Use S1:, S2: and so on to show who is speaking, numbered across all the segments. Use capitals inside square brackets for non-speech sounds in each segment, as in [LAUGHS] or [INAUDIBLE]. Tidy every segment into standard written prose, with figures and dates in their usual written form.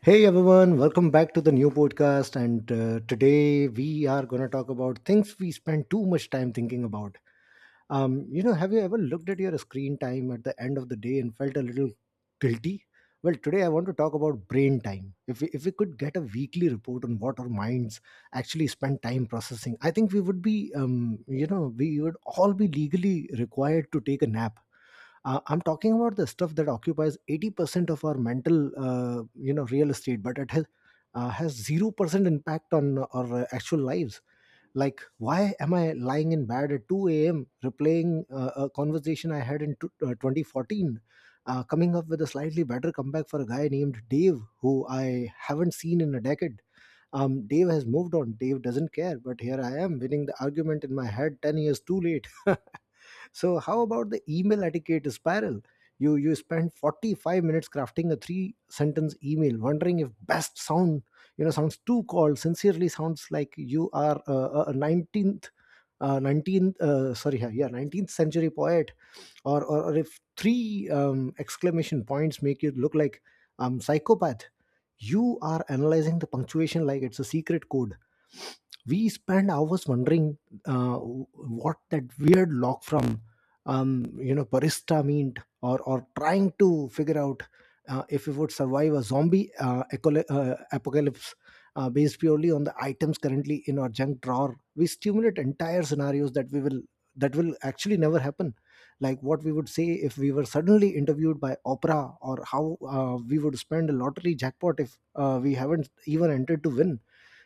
S1: Hey everyone, welcome back to the new podcast. And today we are going to talk about things we spend too much time thinking about. Have you ever looked at your screen time at the end of the day and felt a little guilty? Well, today I want to talk about brain time. If we could get a weekly report on what our minds actually spend time processing, I think we would all be legally required to take a nap. I'm talking about the stuff that occupies 80% of our mental, real estate, but it has 0% impact on our actual lives. Like, why am I lying in bed at 2 a.m. replaying a conversation I had in tw 2014, coming up with a slightly better comeback for a guy named Dave who I haven't seen in a decade. Dave has moved on. Dave doesn't care, but here I am winning the argument in my head 10 years too late. [LAUGHS] So how about the email etiquette spiral? You spend 45 minutes crafting a three sentence email, wondering if "best" sounds too cold. "Sincerely" sounds like you are a 19th. 19th, sorry, yeah, yeah, 19th century poet. Or if three exclamation points make you look like psychopath, you are analyzing the punctuation like it's a secret code. We spend hours wondering what that weird log from, barista meant, or trying to figure out if we would survive a zombie apocalypse, based purely on the items currently in our junk drawer. We stimulate entire scenarios that we will that will actually never happen, like what we would say if we were suddenly interviewed by opera, or how we would spend a lottery jackpot if we haven't even entered to win.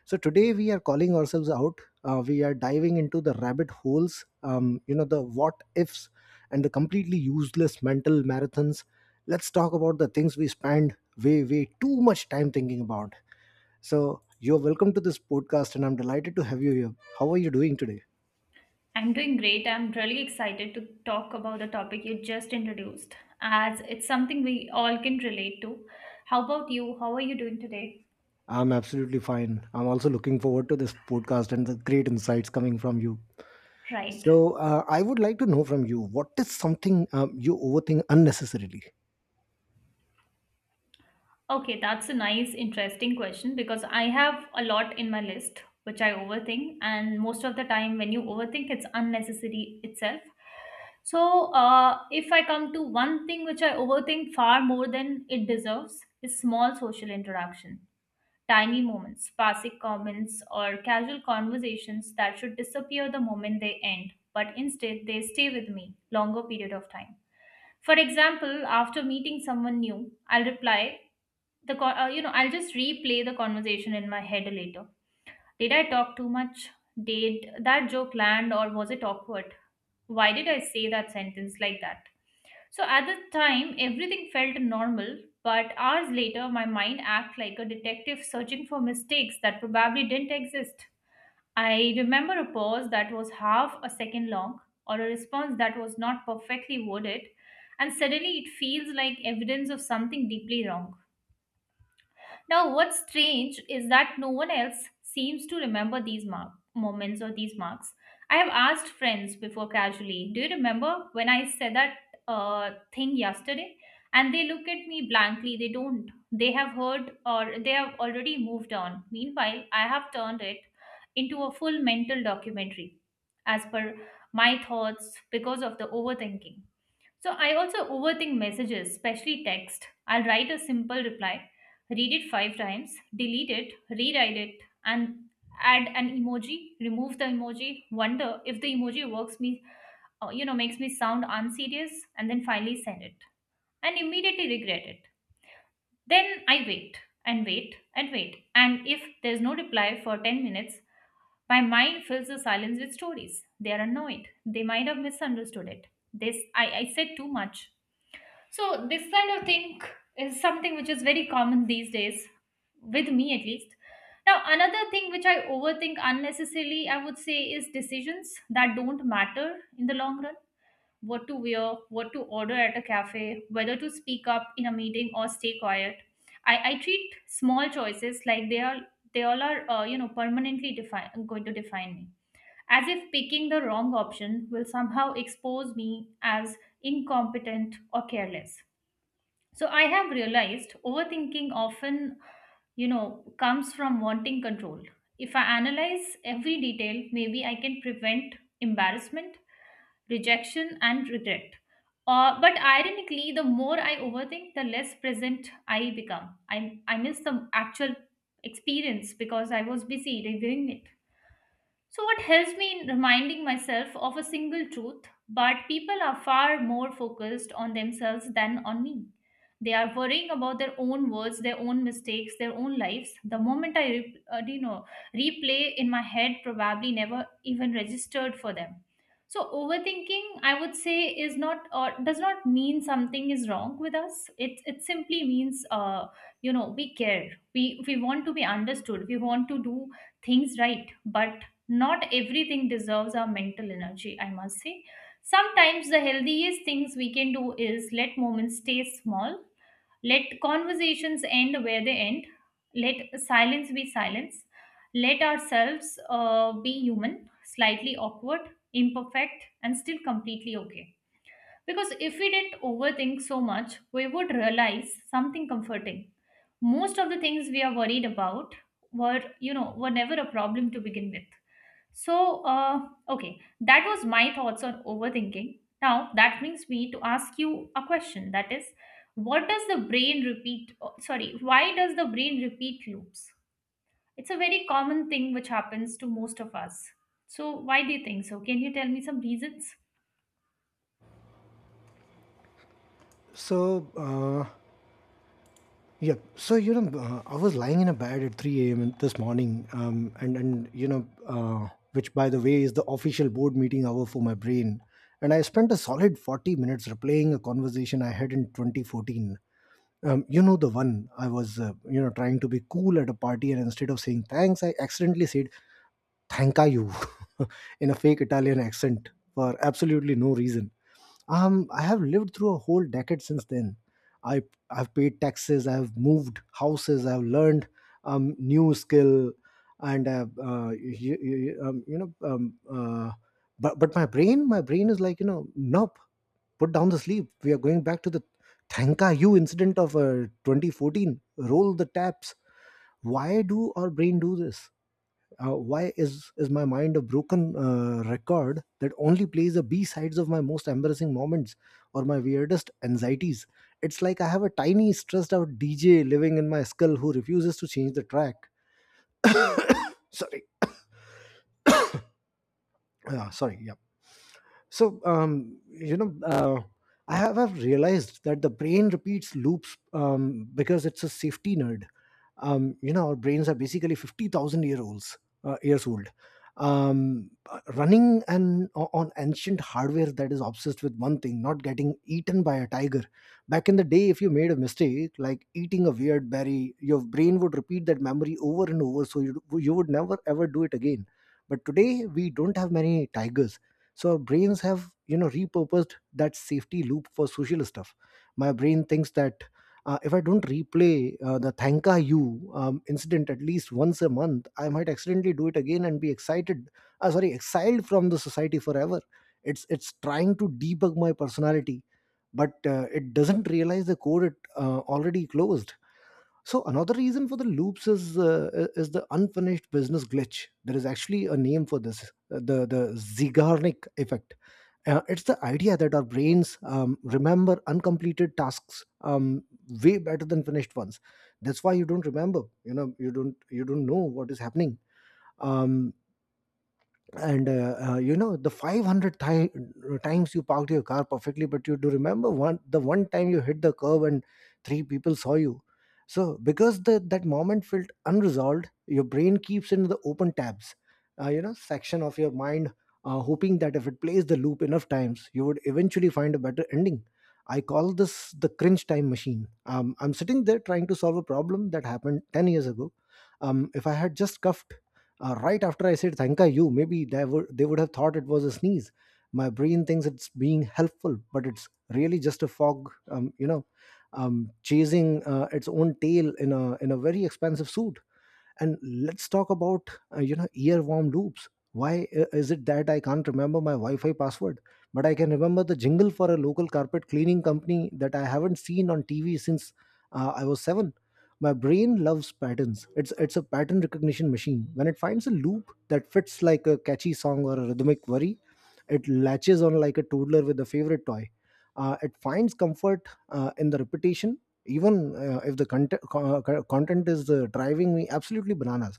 S1: So today we are calling ourselves out. We are diving into the rabbit holes, the what ifs and the completely useless mental marathons. Let's talk about the things we spend way way too much time thinking about. So you're welcome to this podcast, and I'm delighted to have you here. How are you doing today?
S2: I'm doing great. I'm really excited to talk about the topic you just introduced, as it's something we all can relate to. How about you? How are you doing today?
S1: I'm absolutely fine. I'm also looking forward to this podcast and the great insights coming from you.
S2: Right.
S1: So, I would like to know from you: what is something you overthink unnecessarily?
S2: Okay, that's a nice, interesting question because I have a lot in my list which I overthink, and most of the time, when you overthink, it's unnecessary itself. So, if I come to one thing which I overthink far more than it deserves, is small social interaction. Tiny moments, passing comments, or casual conversations that should disappear the moment they end, but instead they stay with me longer period of time. For example, after meeting someone new, I'll reply the co- you know I'll just replay the conversation in my head later. Did I talk too much? Did that joke land or was it awkward? Why did I say that sentence like that? So at the time, everything felt normal, but hours later, my mind acted like a detective searching for mistakes that probably didn't exist. I remember a pause that was half a second long, or a response that was not perfectly worded, and suddenly it feels like evidence of something deeply wrong. Now, what's strange is that no one else seems to remember these moments or these marks. I have asked friends before casually, "Do you remember when I said that thing yesterday?" And they look at me blankly. They don't. They have heard or they have already moved on. Meanwhile, I have turned it into a full mental documentary as per my thoughts because of the overthinking. So I also overthink messages, especially text. I'll write a simple reply, read it five times, delete it, rewrite it, and add an emoji, remove the emoji, wonder if the emoji works me, makes me sound unserious, and then finally send it and immediately regret it. Then I wait and wait and wait. And if there's no reply for 10 minutes, my mind fills the silence with stories. They are annoyed. They might have misunderstood it. This I said too much. So this kind of thing is something which is very common these days, with me at least. Now, another thing which I overthink unnecessarily, I would say, is decisions that don't matter in the long run. What to wear, what to order at a cafe, whether to speak up in a meeting or stay quiet. I treat small choices like they all are permanently define going to define me. As if picking the wrong option will somehow expose me as incompetent or careless. So I have realized overthinking often, you know, comes from wanting control. If I analyze every detail, maybe I can prevent embarrassment, rejection, and regret. But ironically, the more I overthink, the less present I become. I miss the actual experience because I was busy reviewing it. So, what helps me in reminding myself of a single truth, but people are far more focused on themselves than on me. They are worrying about their own words, their own mistakes, their own lives. The moment I, replay in my head probably never even registered for them. So overthinking, I would say, is not or does not mean something is wrong with us. It simply means, we care. We want to be understood. We want to do things right but not everything deserves our mental energy, I must say. Sometimes the healthiest things we can do is let moments stay small, let conversations end where they end, let silence be silence, let ourselves be human, slightly awkward, imperfect, and still completely okay. Because if we didn't overthink so much, we would realize something comforting. Most of the things we are worried about were, were never a problem to begin with. So, okay, that was my thoughts on overthinking. Now, that brings me to ask you a question that is, what does the brain repeat? Oh, sorry, why does the brain repeat loops? It's a very common thing which happens to most of us. So, why do you think so? Can you tell me some reasons?
S1: So, uh, yeah. So, I was lying in a bed at 3 a.m. this morning, and which by the way is the official board meeting hour for my brain. And I spent a solid 40 minutes replaying a conversation I had in 2014. You know the one. I was trying to be cool at a party, and instead of saying "thanks" I accidentally said "thank you" [LAUGHS] in a fake Italian accent for absolutely no reason. I have lived through a whole decade since then. I I've paid taxes, I've moved houses, I've learned new skill, and I've, you, you, you know, but my brain is like, nope, put down the sleep. We are going back to the Thanka U incident of 2014. Roll the taps. Why do our brain do this? Why is my mind a broken record that only plays the B sides of my most embarrassing moments or my weirdest anxieties? It's like I have a tiny stressed out DJ living in my skull who refuses to change the track. Sorry, sorry. Yeah. So, I have realized that the brain repeats loops because it's a safety nerd. Our brains are basically 50,000 years old, running and on ancient hardware that is obsessed with one thing: not getting eaten by a tiger. Back in the day, if you made a mistake like eating a weird berry, your brain would repeat that memory over and over, so you would never ever do it again. But today we don't have many tigers, so our brains have, repurposed that safety loop for social stuff. My brain thinks that, if I don't replay the Thanka you incident at least once a month, I might accidentally do it again and be excited, sorry, exiled from the society forever. It's trying to debug my personality, but it doesn't realize the code it already closed. So another reason for the loops is the unfinished business glitch. There is actually a name for this, the Zeigarnik effect. It's the idea that our brains remember uncompleted tasks way better than finished ones. That's why you don't remember. You don't know what is happening. Um, and you know The 500 times you parked your car perfectly, but you do remember one the one time you hit the curb and three people saw you. So because that moment felt unresolved, your brain keeps in the open tabs, section of your mind, hoping that if it plays the loop enough times, you would eventually find a better ending. I call this the cringe time machine. I'm sitting there trying to solve a problem that happened 10 years ago. If I had just cuffed right after I said thank you, maybe they would have thought it was a sneeze. My brain thinks it's being helpful, but it's really just a fog, chasing its own tail in a very expensive suit. And let's talk about earworm loops. Why is it that I can't remember my wi-fi password, but I can remember the jingle for a local carpet cleaning company that I haven't seen on TV since I was 7? My brain loves patterns. It's a pattern recognition machine. When it finds a loop that fits, like a catchy song or a rhythmic worry, it latches on like a toddler with a favorite toy. It finds comfort in the repetition, even if the content is driving me absolutely bananas.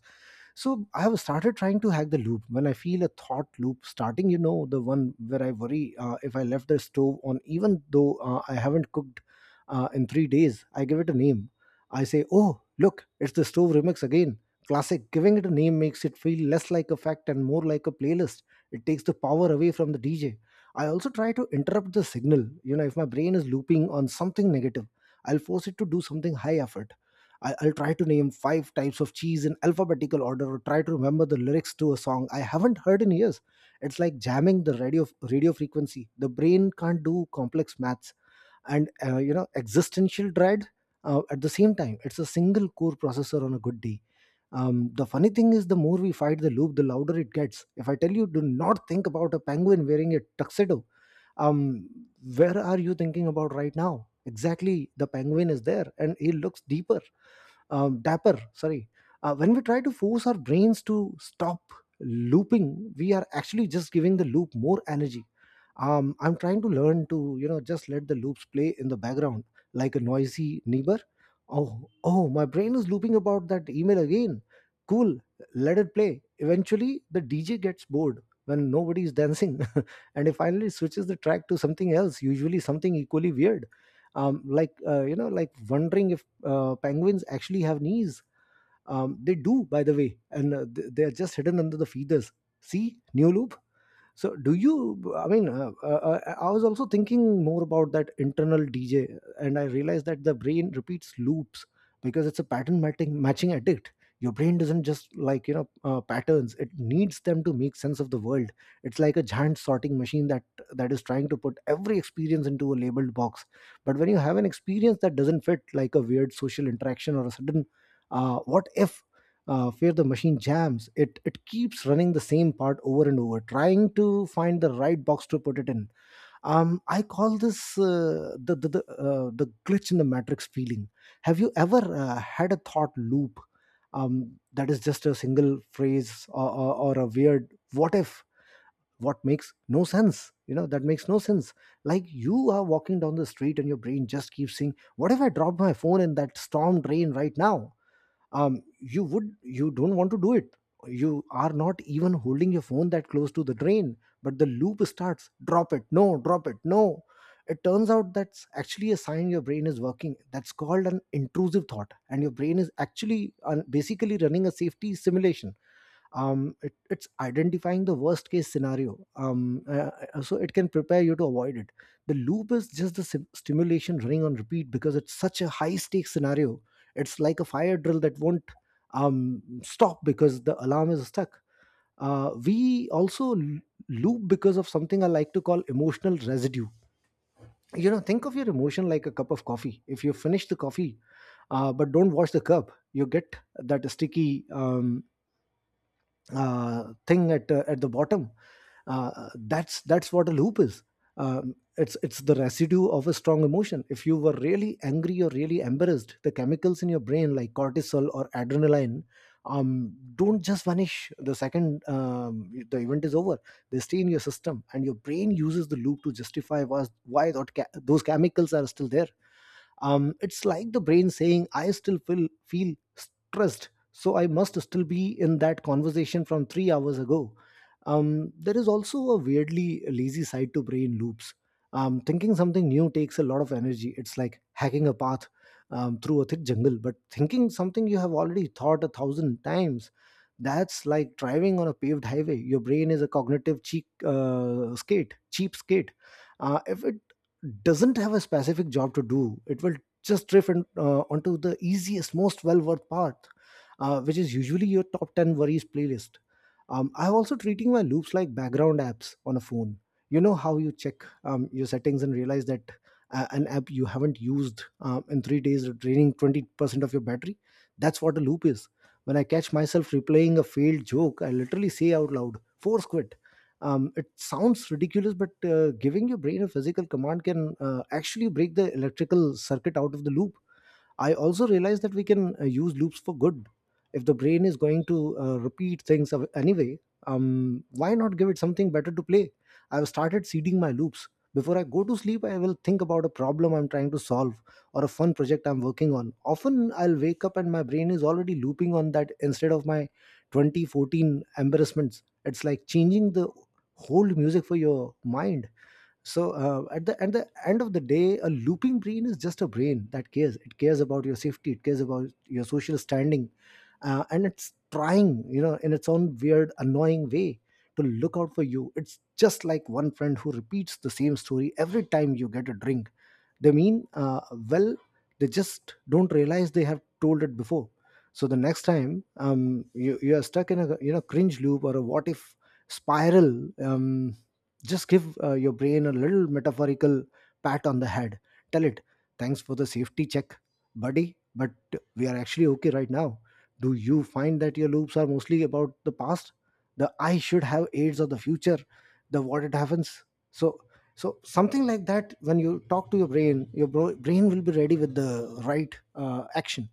S1: So I have started trying to hack the loop. When I feel a thought loop starting, you know, the one where I worry if I left the stove on, even though I haven't cooked in 3 days, I give it a name. I say, oh, look, it's the stove remix again. Classic. Giving it a name makes it feel less like a fact and more like a playlist. It takes the power away from the DJ. I also try to interrupt the signal. If my brain is looping on something negative, I'll force it to do something high effort. I'll try to name five types of cheese in alphabetical order, or try to remember the lyrics to a song I haven't heard in years. It's like jamming the radio frequency. The brain can't do complex maths and existential dread at the same time. It's a single core processor on a good day. The funny thing is, the more we fight the loop, the louder it gets. If I tell you, do not think about a penguin wearing a tuxedo, um, where are you thinking about right now? Exactly, the penguin is there and he looks deeper, dapper, sorry. When we try to force our brains to stop looping, we are actually just giving the loop more energy. I'm trying to learn to, just let the loops play in the background, like a noisy neighbor. Oh, oh, my brain is looping about that email again. Cool. Let it play. Eventually the DJ gets bored when nobody is dancing. [LAUGHS] And he finally switches the track to something else, usually something equally weird. Like, wondering if penguins actually have knees. They do, by the way, and they are just hidden under the feathers. See, new loop. So, do you? I mean, I was also thinking more about that internal DJ, and I realized that the brain repeats loops because it's a pattern matching addict. Your brain doesn't just like, patterns; it needs them to make sense of the world. It's like a giant sorting machine that is trying to put every experience into a labeled box. But when you have an experience that doesn't fit, like a weird social interaction or a sudden what if where the machine jams, it keeps running the same part over and over, trying to find the right box to put it in. I call this the glitch in the matrix feeling. Have you ever had a thought loop that is just a single phrase, or a weird what if, what makes no sense, that makes no sense? Like, you are walking down the street and your brain just keeps saying, what if I dropped my phone in that storm drain right now? You would, you don't want to do it. You are not even holding your phone that close to the drain, but the loop starts: drop it, no, drop it, no. It turns out that's actually a sign your brain is working. That's called an intrusive thought, and your brain is actually basically running a safety simulation. It's identifying the worst case scenario, so it can prepare you to avoid it. The loop is just the stimulation running on repeat because it's such a high stakes scenario. It's like a fire drill that won't stop because the alarm is stuck. We loop because of something I like to call emotional residue. You know, think of your emotion like a cup of coffee. If you finish the coffee but don't wash the cup, you get that sticky thing at the bottom. That's what a loop is. It's the residue of a strong emotion. If you were really angry or really embarrassed, the chemicals in your brain like cortisol or adrenaline don't just vanish the second the event is over. They stay in your system, and your brain uses the loop to justify was why that those chemicals are still there. It's like the brain saying, I still feel stressed, so I must still be in that conversation from 3 hours ago. There is also a weirdly lazy side to brain loops. Thinking something new takes a lot of energy. It's like hacking a path through a thick jungle. But thinking something you have already thought a thousand times, that's like driving on a paved highway. Your brain is a cognitive cheap skate. If it doesn't have a specific job to do, it will just drift in, onto the easiest, most well worth path, which is usually your top 10 worries playlist. I'm also treating my loops like background apps on a phone. You know how you check your settings and realize that an app you haven't used in 3 days is draining 20% of your battery? That's what a loop is. When I catch myself replaying a failed joke, I literally say out loud, force quit. It sounds ridiculous, but giving your brain a physical command can actually break the electrical circuit out of the loop. I also realize that we can use loops for good. If the brain is going to repeat things anyway, why not give it something better to play? I've started seeding my loops. Before I go to sleep, I will think about a problem I'm trying to solve or a fun project I'm working on. Often I'll wake up and my brain is already looping on that instead of my 2014 embarrassments. It's like changing the whole music for your mind. So at the end of the day, a looping brain is just a brain that cares. It cares about your safety, it cares about your social standing, and it's trying, you know, in its own weird annoying way, to look out for you. It's just like one friend who repeats the same story every time you get a drink. They mean well, they just don't realize they have told it before. So the next time you are stuck in a, cringe loop or a what if spiral, just give your brain a little metaphorical pat on the head. Tell it, thanks for the safety check, buddy, but we are actually okay right now. Do you find that your loops are mostly about the past? The I should have AIDS of the future, the what it happens. So, so something like that, when you talk to your brain, your brain will be ready with the right action.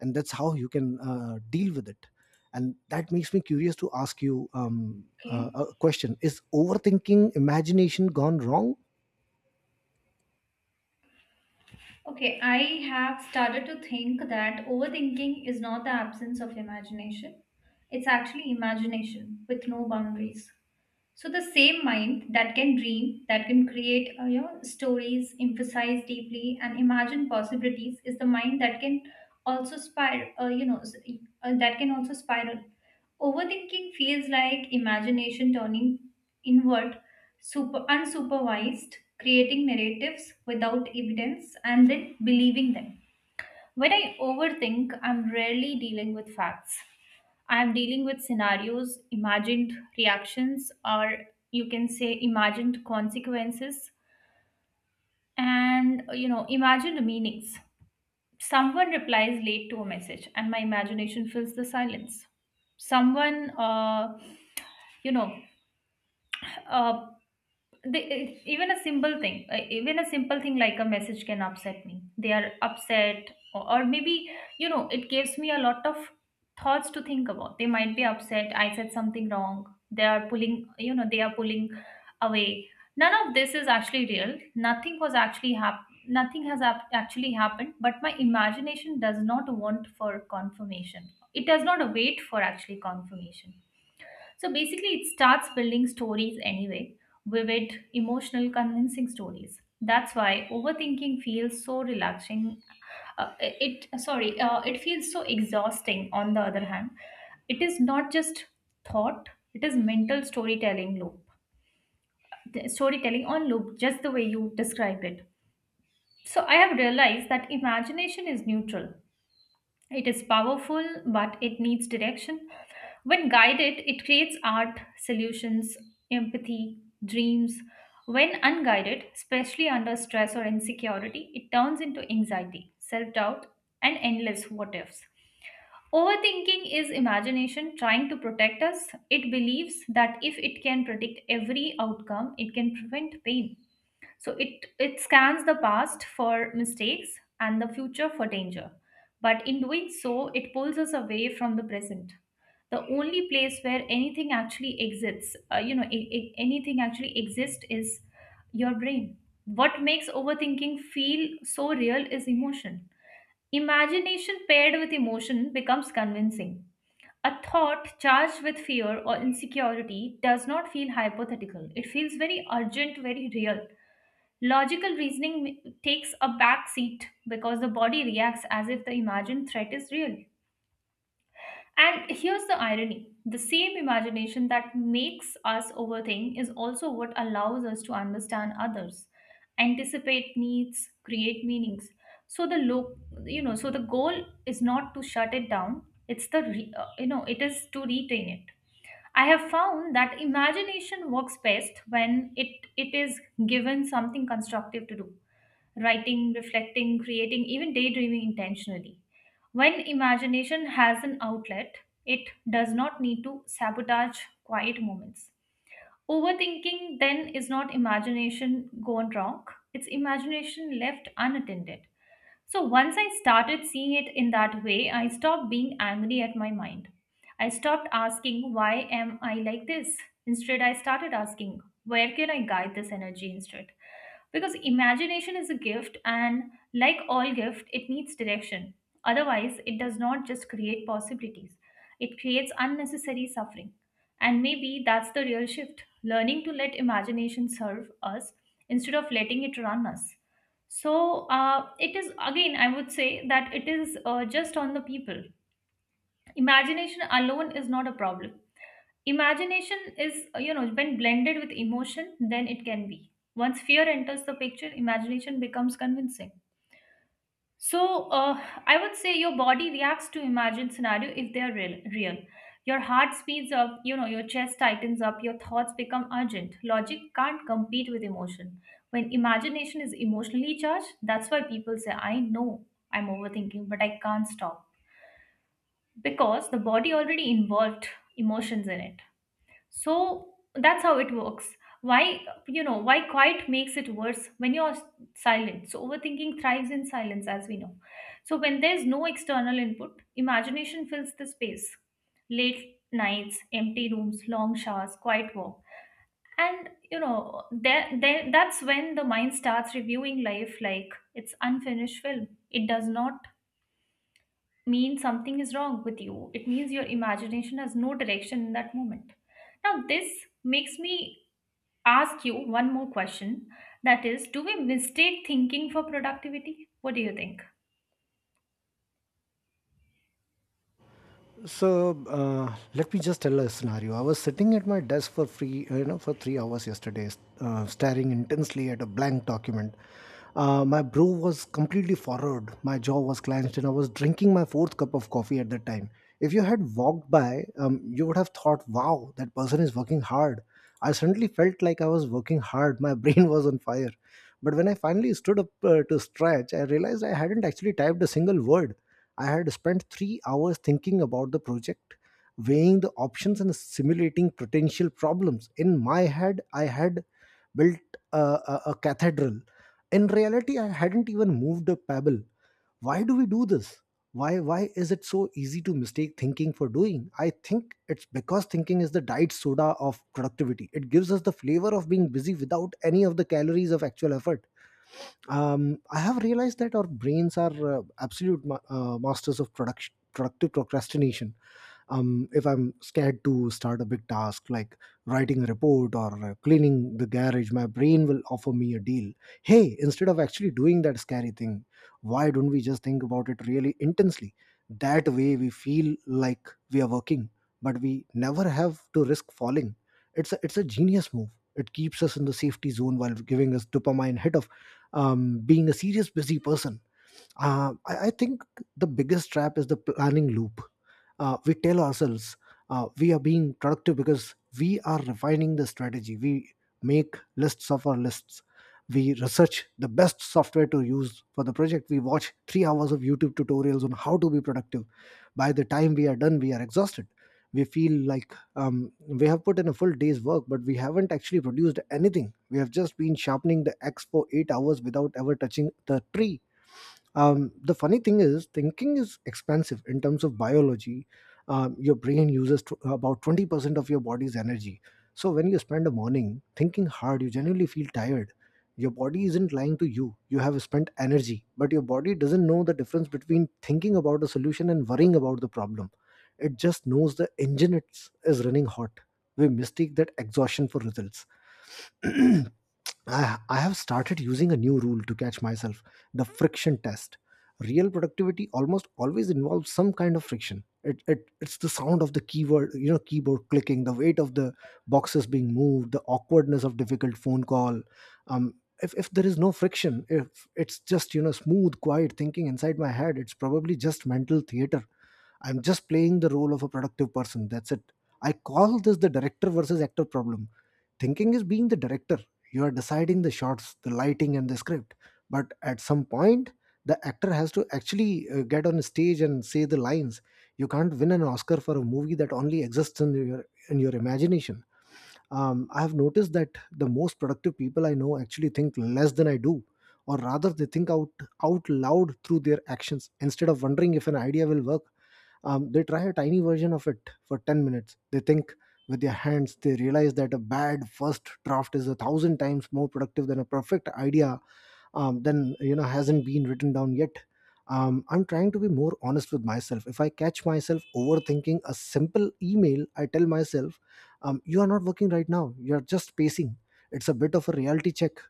S1: And that's how you can deal with it. And that makes me curious to ask you,
S2: Okay.
S1: a question: is overthinking imagination gone wrong?
S2: Okay. I have started to think that overthinking is not the absence of imagination. It's actually imagination with no boundaries. So the same mind that can dream, that can create stories, emphasize deeply, and imagine possibilities is the mind that can also spiral. That can also spiral. Overthinking feels like imagination turning inward, super unsupervised, creating narratives without evidence, and then believing them. When I overthink, I'm rarely dealing with facts. I'm dealing with scenarios, imagined reactions, or you can say imagined consequences and imagined meanings. Someone replies late to a message, and my imagination fills the silence. Someone, you know, uh, they, it- Even a simple thing, like a message can upset me. They are upset, or maybe it gives me a lot of thoughts to think about. They might be upset, I said something wrong, they are pulling, they are pulling away. None of this is actually real. Nothing has actually happened, but my imagination does not want for confirmation, it does not wait for actually confirmation. So basically, it starts building stories anyway, vivid, emotional, convincing stories. That's why overthinking feels so relaxing. It feels so exhausting. On the other hand, it is not just thought; it is mental storytelling loop, the storytelling on loop, just the way you described it. So I have realized that imagination is neutral. It is powerful, but it needs direction. When guided, it creates art, solutions, empathy, dreams. When unguided, especially under stress or insecurity, it turns into anxiety, self doubt, and endless what ifs. Overthinking is imagination trying to protect us. It believes that if it can predict every outcome, it can prevent pain. So it scans the past for mistakes and the future for danger. But in doing so, it pulls us away from the present. The only place where anything actually exists, anything actually exists is your brain. What makes overthinking feel so real is emotion. Imagination paired with emotion becomes convincing. A thought charged with fear or insecurity does not feel hypothetical. It feels very urgent, very real. Logical takes a back seat because the body reacts as if the imagined threat is real. And here's the irony, the same imagination that makes us overthink is also what allows us to understand others, anticipate needs, create meanings. So the lo- you know, so the goal is not to shut it down. It's the re- you know, it is to retain it. I have found that imagination works best when it is given something constructive to do, writing, reflecting, creating, even daydreaming intentionally. When imagination has an outlet, it does not need to sabotage quiet moments. Overthinking then is not imagination gone wrong, it's imagination left unattended. So once I started seeing it in that way, I stopped being angry at my mind. I stopped asking, why am I like this? Instead, I started asking, where can I guide this energy instead? Because imagination is a gift, and like all gift, it needs direction. Otherwise, it does not just create possibilities, it creates unnecessary suffering. And maybe that's the real shift, learning to let imagination serve us instead of letting it run us. So it is, again, I would say that it is just on the people. Imagination alone is not a problem. Imagination is, when blended with emotion, then it can be. Once fear enters the picture, imagination becomes convincing. So, I would say your body reacts to imagined scenario if they are real, real. Your heart speeds up, you know, your chest tightens up, your thoughts become urgent. Logic can't compete with emotion. When imagination is emotionally charged, that's why people say, I know I'm overthinking, but I can't stop. Because the body already involved emotions in it. So that's how it works. Why, you know, why quiet makes it worse when you're silent. So overthinking thrives in silence, as we know. So when there's no external input, imagination fills the space. Late nights, empty rooms, long showers, quiet walk. And, that's when the mind starts reviewing life like it's unfinished film. It does not mean something is wrong with you. It means your imagination has no direction in that moment. Now, this makes me ask you one more question. That is, do we mistake thinking for productivity? What do you think?
S1: So let me just tell a scenario. I was sitting at my desk for free, for 3 hours yesterday, staring intensely at a blank document. My brow was completely furrowed, my jaw was clenched, and I was drinking my fourth cup of coffee at that time. If you had walked by, you would have thought, "Wow, that person is working hard." I suddenly felt like I was working hard. My [LAUGHS] brain was on fire. But when I finally stood up to stretch, I realized I hadn't actually typed a single word. I had spent 3 hours thinking about the project, weighing the options and simulating potential problems. In my head, I had built a cathedral. In reality, I hadn't even moved a pebble. Why do we do this? Why is it so easy to mistake thinking for doing? I think it's because thinking is the diet soda of productivity. It gives us the flavor of being busy without any of the calories of actual effort. I have realized that our brains are absolute masters of productive procrastination. If I'm scared to start a big task, like writing a report or cleaning the garage, my brain will offer me a deal: hey, instead of actually doing that scary thing, why don't we just think about it really intensely? That way we feel like we are working, but we never have to risk falling. It's a genius move. It keeps us in the safety zone while giving us dopamine hit of being a serious busy person. I think the biggest trap is the planning loop. We tell ourselves we are being productive because we are refining the strategy. We make lists of our lists. We research the best software to use for the project. We watch 3 hours of YouTube tutorials on how to be productive. By the time we are done, we are exhausted. We feel like we have put in a full day's work, but we haven't actually produced anything. We have just been sharpening the axe for 8 hours without ever touching the tree. The funny thing is thinking is expensive in terms of biology. Your brain uses tw about 20% of your body's energy. So when you spend a morning thinking hard, you genuinely feel tired. Your body isn't lying to you. You have spent energy. But your body doesn't know the difference between thinking about a solution and worrying about the problem. It just knows the engine is running hot. We mistake that exhaustion for results. [CLEARS THROAT] I, I have started using a new rule to catch myself: the friction test. Real productivity almost always involves some kind of friction. It's the sound of the keyword, you know, keyboard clicking, the weight of the boxes being moved, the awkwardness of difficult phone call. Um, if there is no friction, if it's just, you know, smooth, quiet thinking inside my head, it's probably just mental theater. I'm just playing the role of a productive person. That's it. I call this the director versus actor problem. Thinking is being the director. You are deciding the shots, the lighting, and the script. But at some point, the actor has to actually get on stage and say the lines. You can't win an Oscar for a movie that only exists in your imagination. I have noticed that the most productive people I know actually think less than I do, or rather, they think out loud through their actions instead of wondering if an idea will work. They try a tiny version of it for 10 minutes. They think with their hands. They realize that a bad first draft is a thousand times more productive than a perfect idea then you know hasn't been written down yet. I'm trying to be more honest with myself. If I catch myself overthinking a simple email, I tell myself, you are not working right now, you're just pacing. It's a bit of a reality check,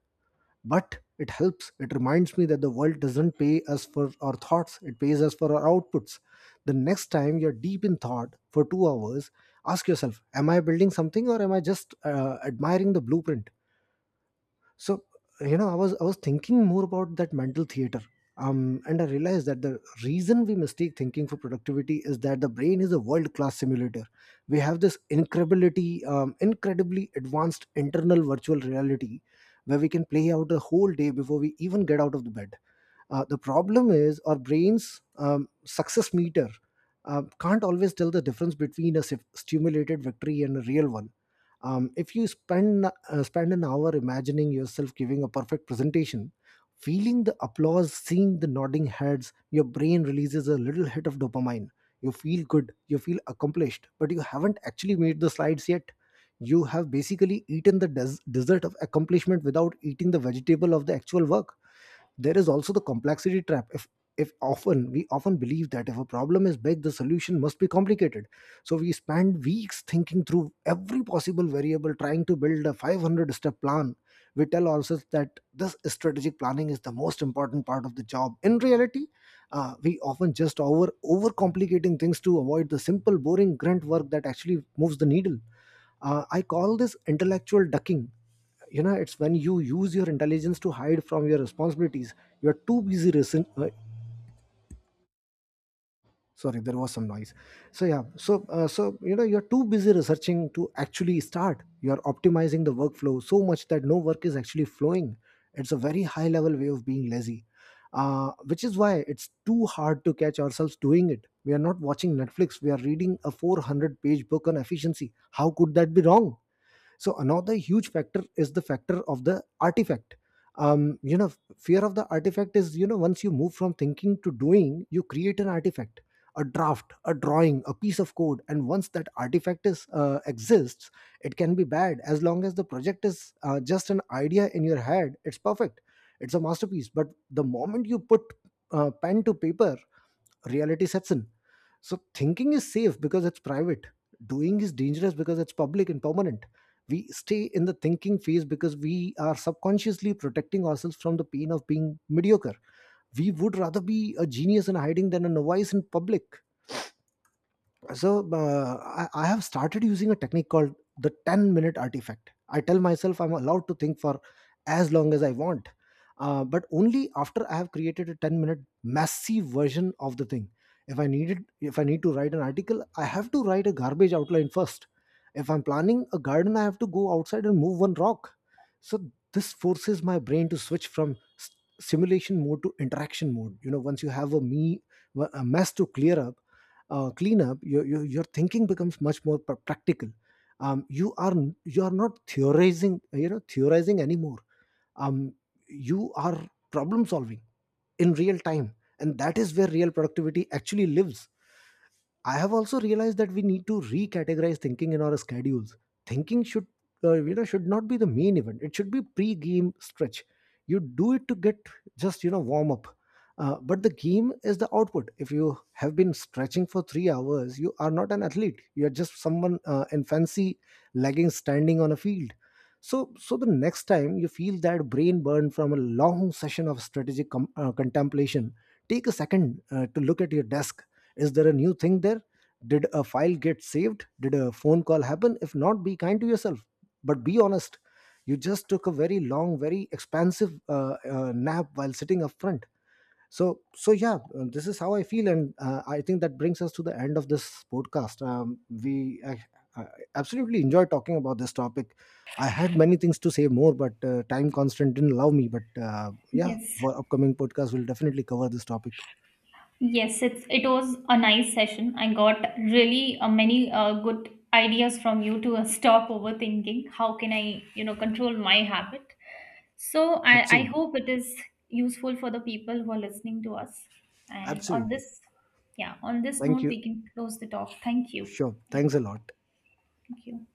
S1: but it helps. It reminds me that the world doesn't pay us for our thoughts, it pays us for our outputs. The next time you're deep in thought for 2 hours, ask yourself, am I building something, or am I just admiring the blueprint? So, you know, I was I was thinking more about that mental theater. And I realized that the reason we mistake thinking for productivity is that the brain is a world-class simulator. We have this incredibly advanced internal virtual reality where we can play out a whole day before we even get out of the bed. The problem is our brain's success meter can't always tell the difference between a stimulated victory and a real one. If you spend an hour imagining yourself giving a perfect presentation, feeling the applause, seeing the nodding heads, your brain releases a little hit of dopamine. You feel good, you feel accomplished, but you haven't actually made the slides yet. You have basically eaten the dessert of accomplishment without eating the vegetable of the actual work. There is also the complexity trap. If often We often believe that if a problem is big, the solution must be complicated. So we spend weeks thinking through every possible variable, trying to build a 500 step plan. We tell ourselves that this strategic planning is the most important part of the job. In reality, we often just overcomplicating things to avoid the simple, boring grunt work that actually moves the needle. I call this intellectual ducking. You know, it's when you use your intelligence to hide from your responsibilities. You are too busy sorry, there was some noise. So yeah, you're too busy researching to actually start. You're optimizing the workflow so much that no work is actually flowing. It's a very high level way of being lazy, which is why it's too hard to catch ourselves doing it. We are not watching Netflix, we are reading a 400-page book on efficiency. How could that be wrong? So another huge factor is the factor of the artifact. um, you know Fear of the artifact is, you know, once you move from thinking to doing, you create an artifact: a draft, a drawing, a piece of code. And once that artifact is exists, it can be bad. As long as the project is just an idea in your head, it's perfect. It's a masterpiece. But the moment you put pen to paper, reality sets in. So thinking is safe because it's private. Doing is dangerous because it's public and permanent. We stay in the thinking phase because we are subconsciously protecting ourselves from the pain of being mediocre. We would rather be a genius in hiding than a novice in public. So I have started using a technique called the 10-minute artifact. I tell myself I'm allowed to think for as long as I want, but only after I have created a 10-minute massive version of the thing. If I need to write an article, I have to write a garbage outline first. If I'm planning a garden, I have to go outside and move one rock. So this forces my brain to switch from simulation mode to interaction mode. You know, once you have a mess to clear up, cleanup, your thinking becomes much more practical. You are you are not theorizing, theorizing anymore. Um, you are problem solving in real time, and that is where real productivity actually lives. I have also realized that we need to recategorize thinking in our schedules. Thinking should, should not be the main event. It should be pre-game stretch. You do it to get just, you know, warm up, but the game is the output. If you have been stretching for 3 hours, you are not an athlete. You are just someone in fancy leggings standing on a field. So the next time you feel that brain burn from a long session of strategic contemplation, take a second to look at your desk. Is there a new thing there? Did a file get saved? Did a phone call happen? If not, be kind to yourself, but be honest. You just took a very long, very expansive nap while sitting up front. So yeah, this is how I feel, and I think that brings us to the end of this podcast. I absolutely enjoy talking about this topic. I had many things to say more, but time constant didn't allow me. But yeah,
S2: Yes.
S1: for upcoming podcast, we'll definitely cover this topic.
S2: Yes, it's it was a nice session. I got really many good ideas from you to stop overthinking. How can I, you know, control my habit? So I
S1: Absolutely,
S2: hope it is useful for the people who are listening to us. And on
S1: absolutely.
S2: this, yeah, on this
S1: Thank
S2: note,
S1: you.
S2: we can close the talk. Thank you.
S1: Sure.
S2: Yeah,
S1: Thanks a lot.
S2: thank you.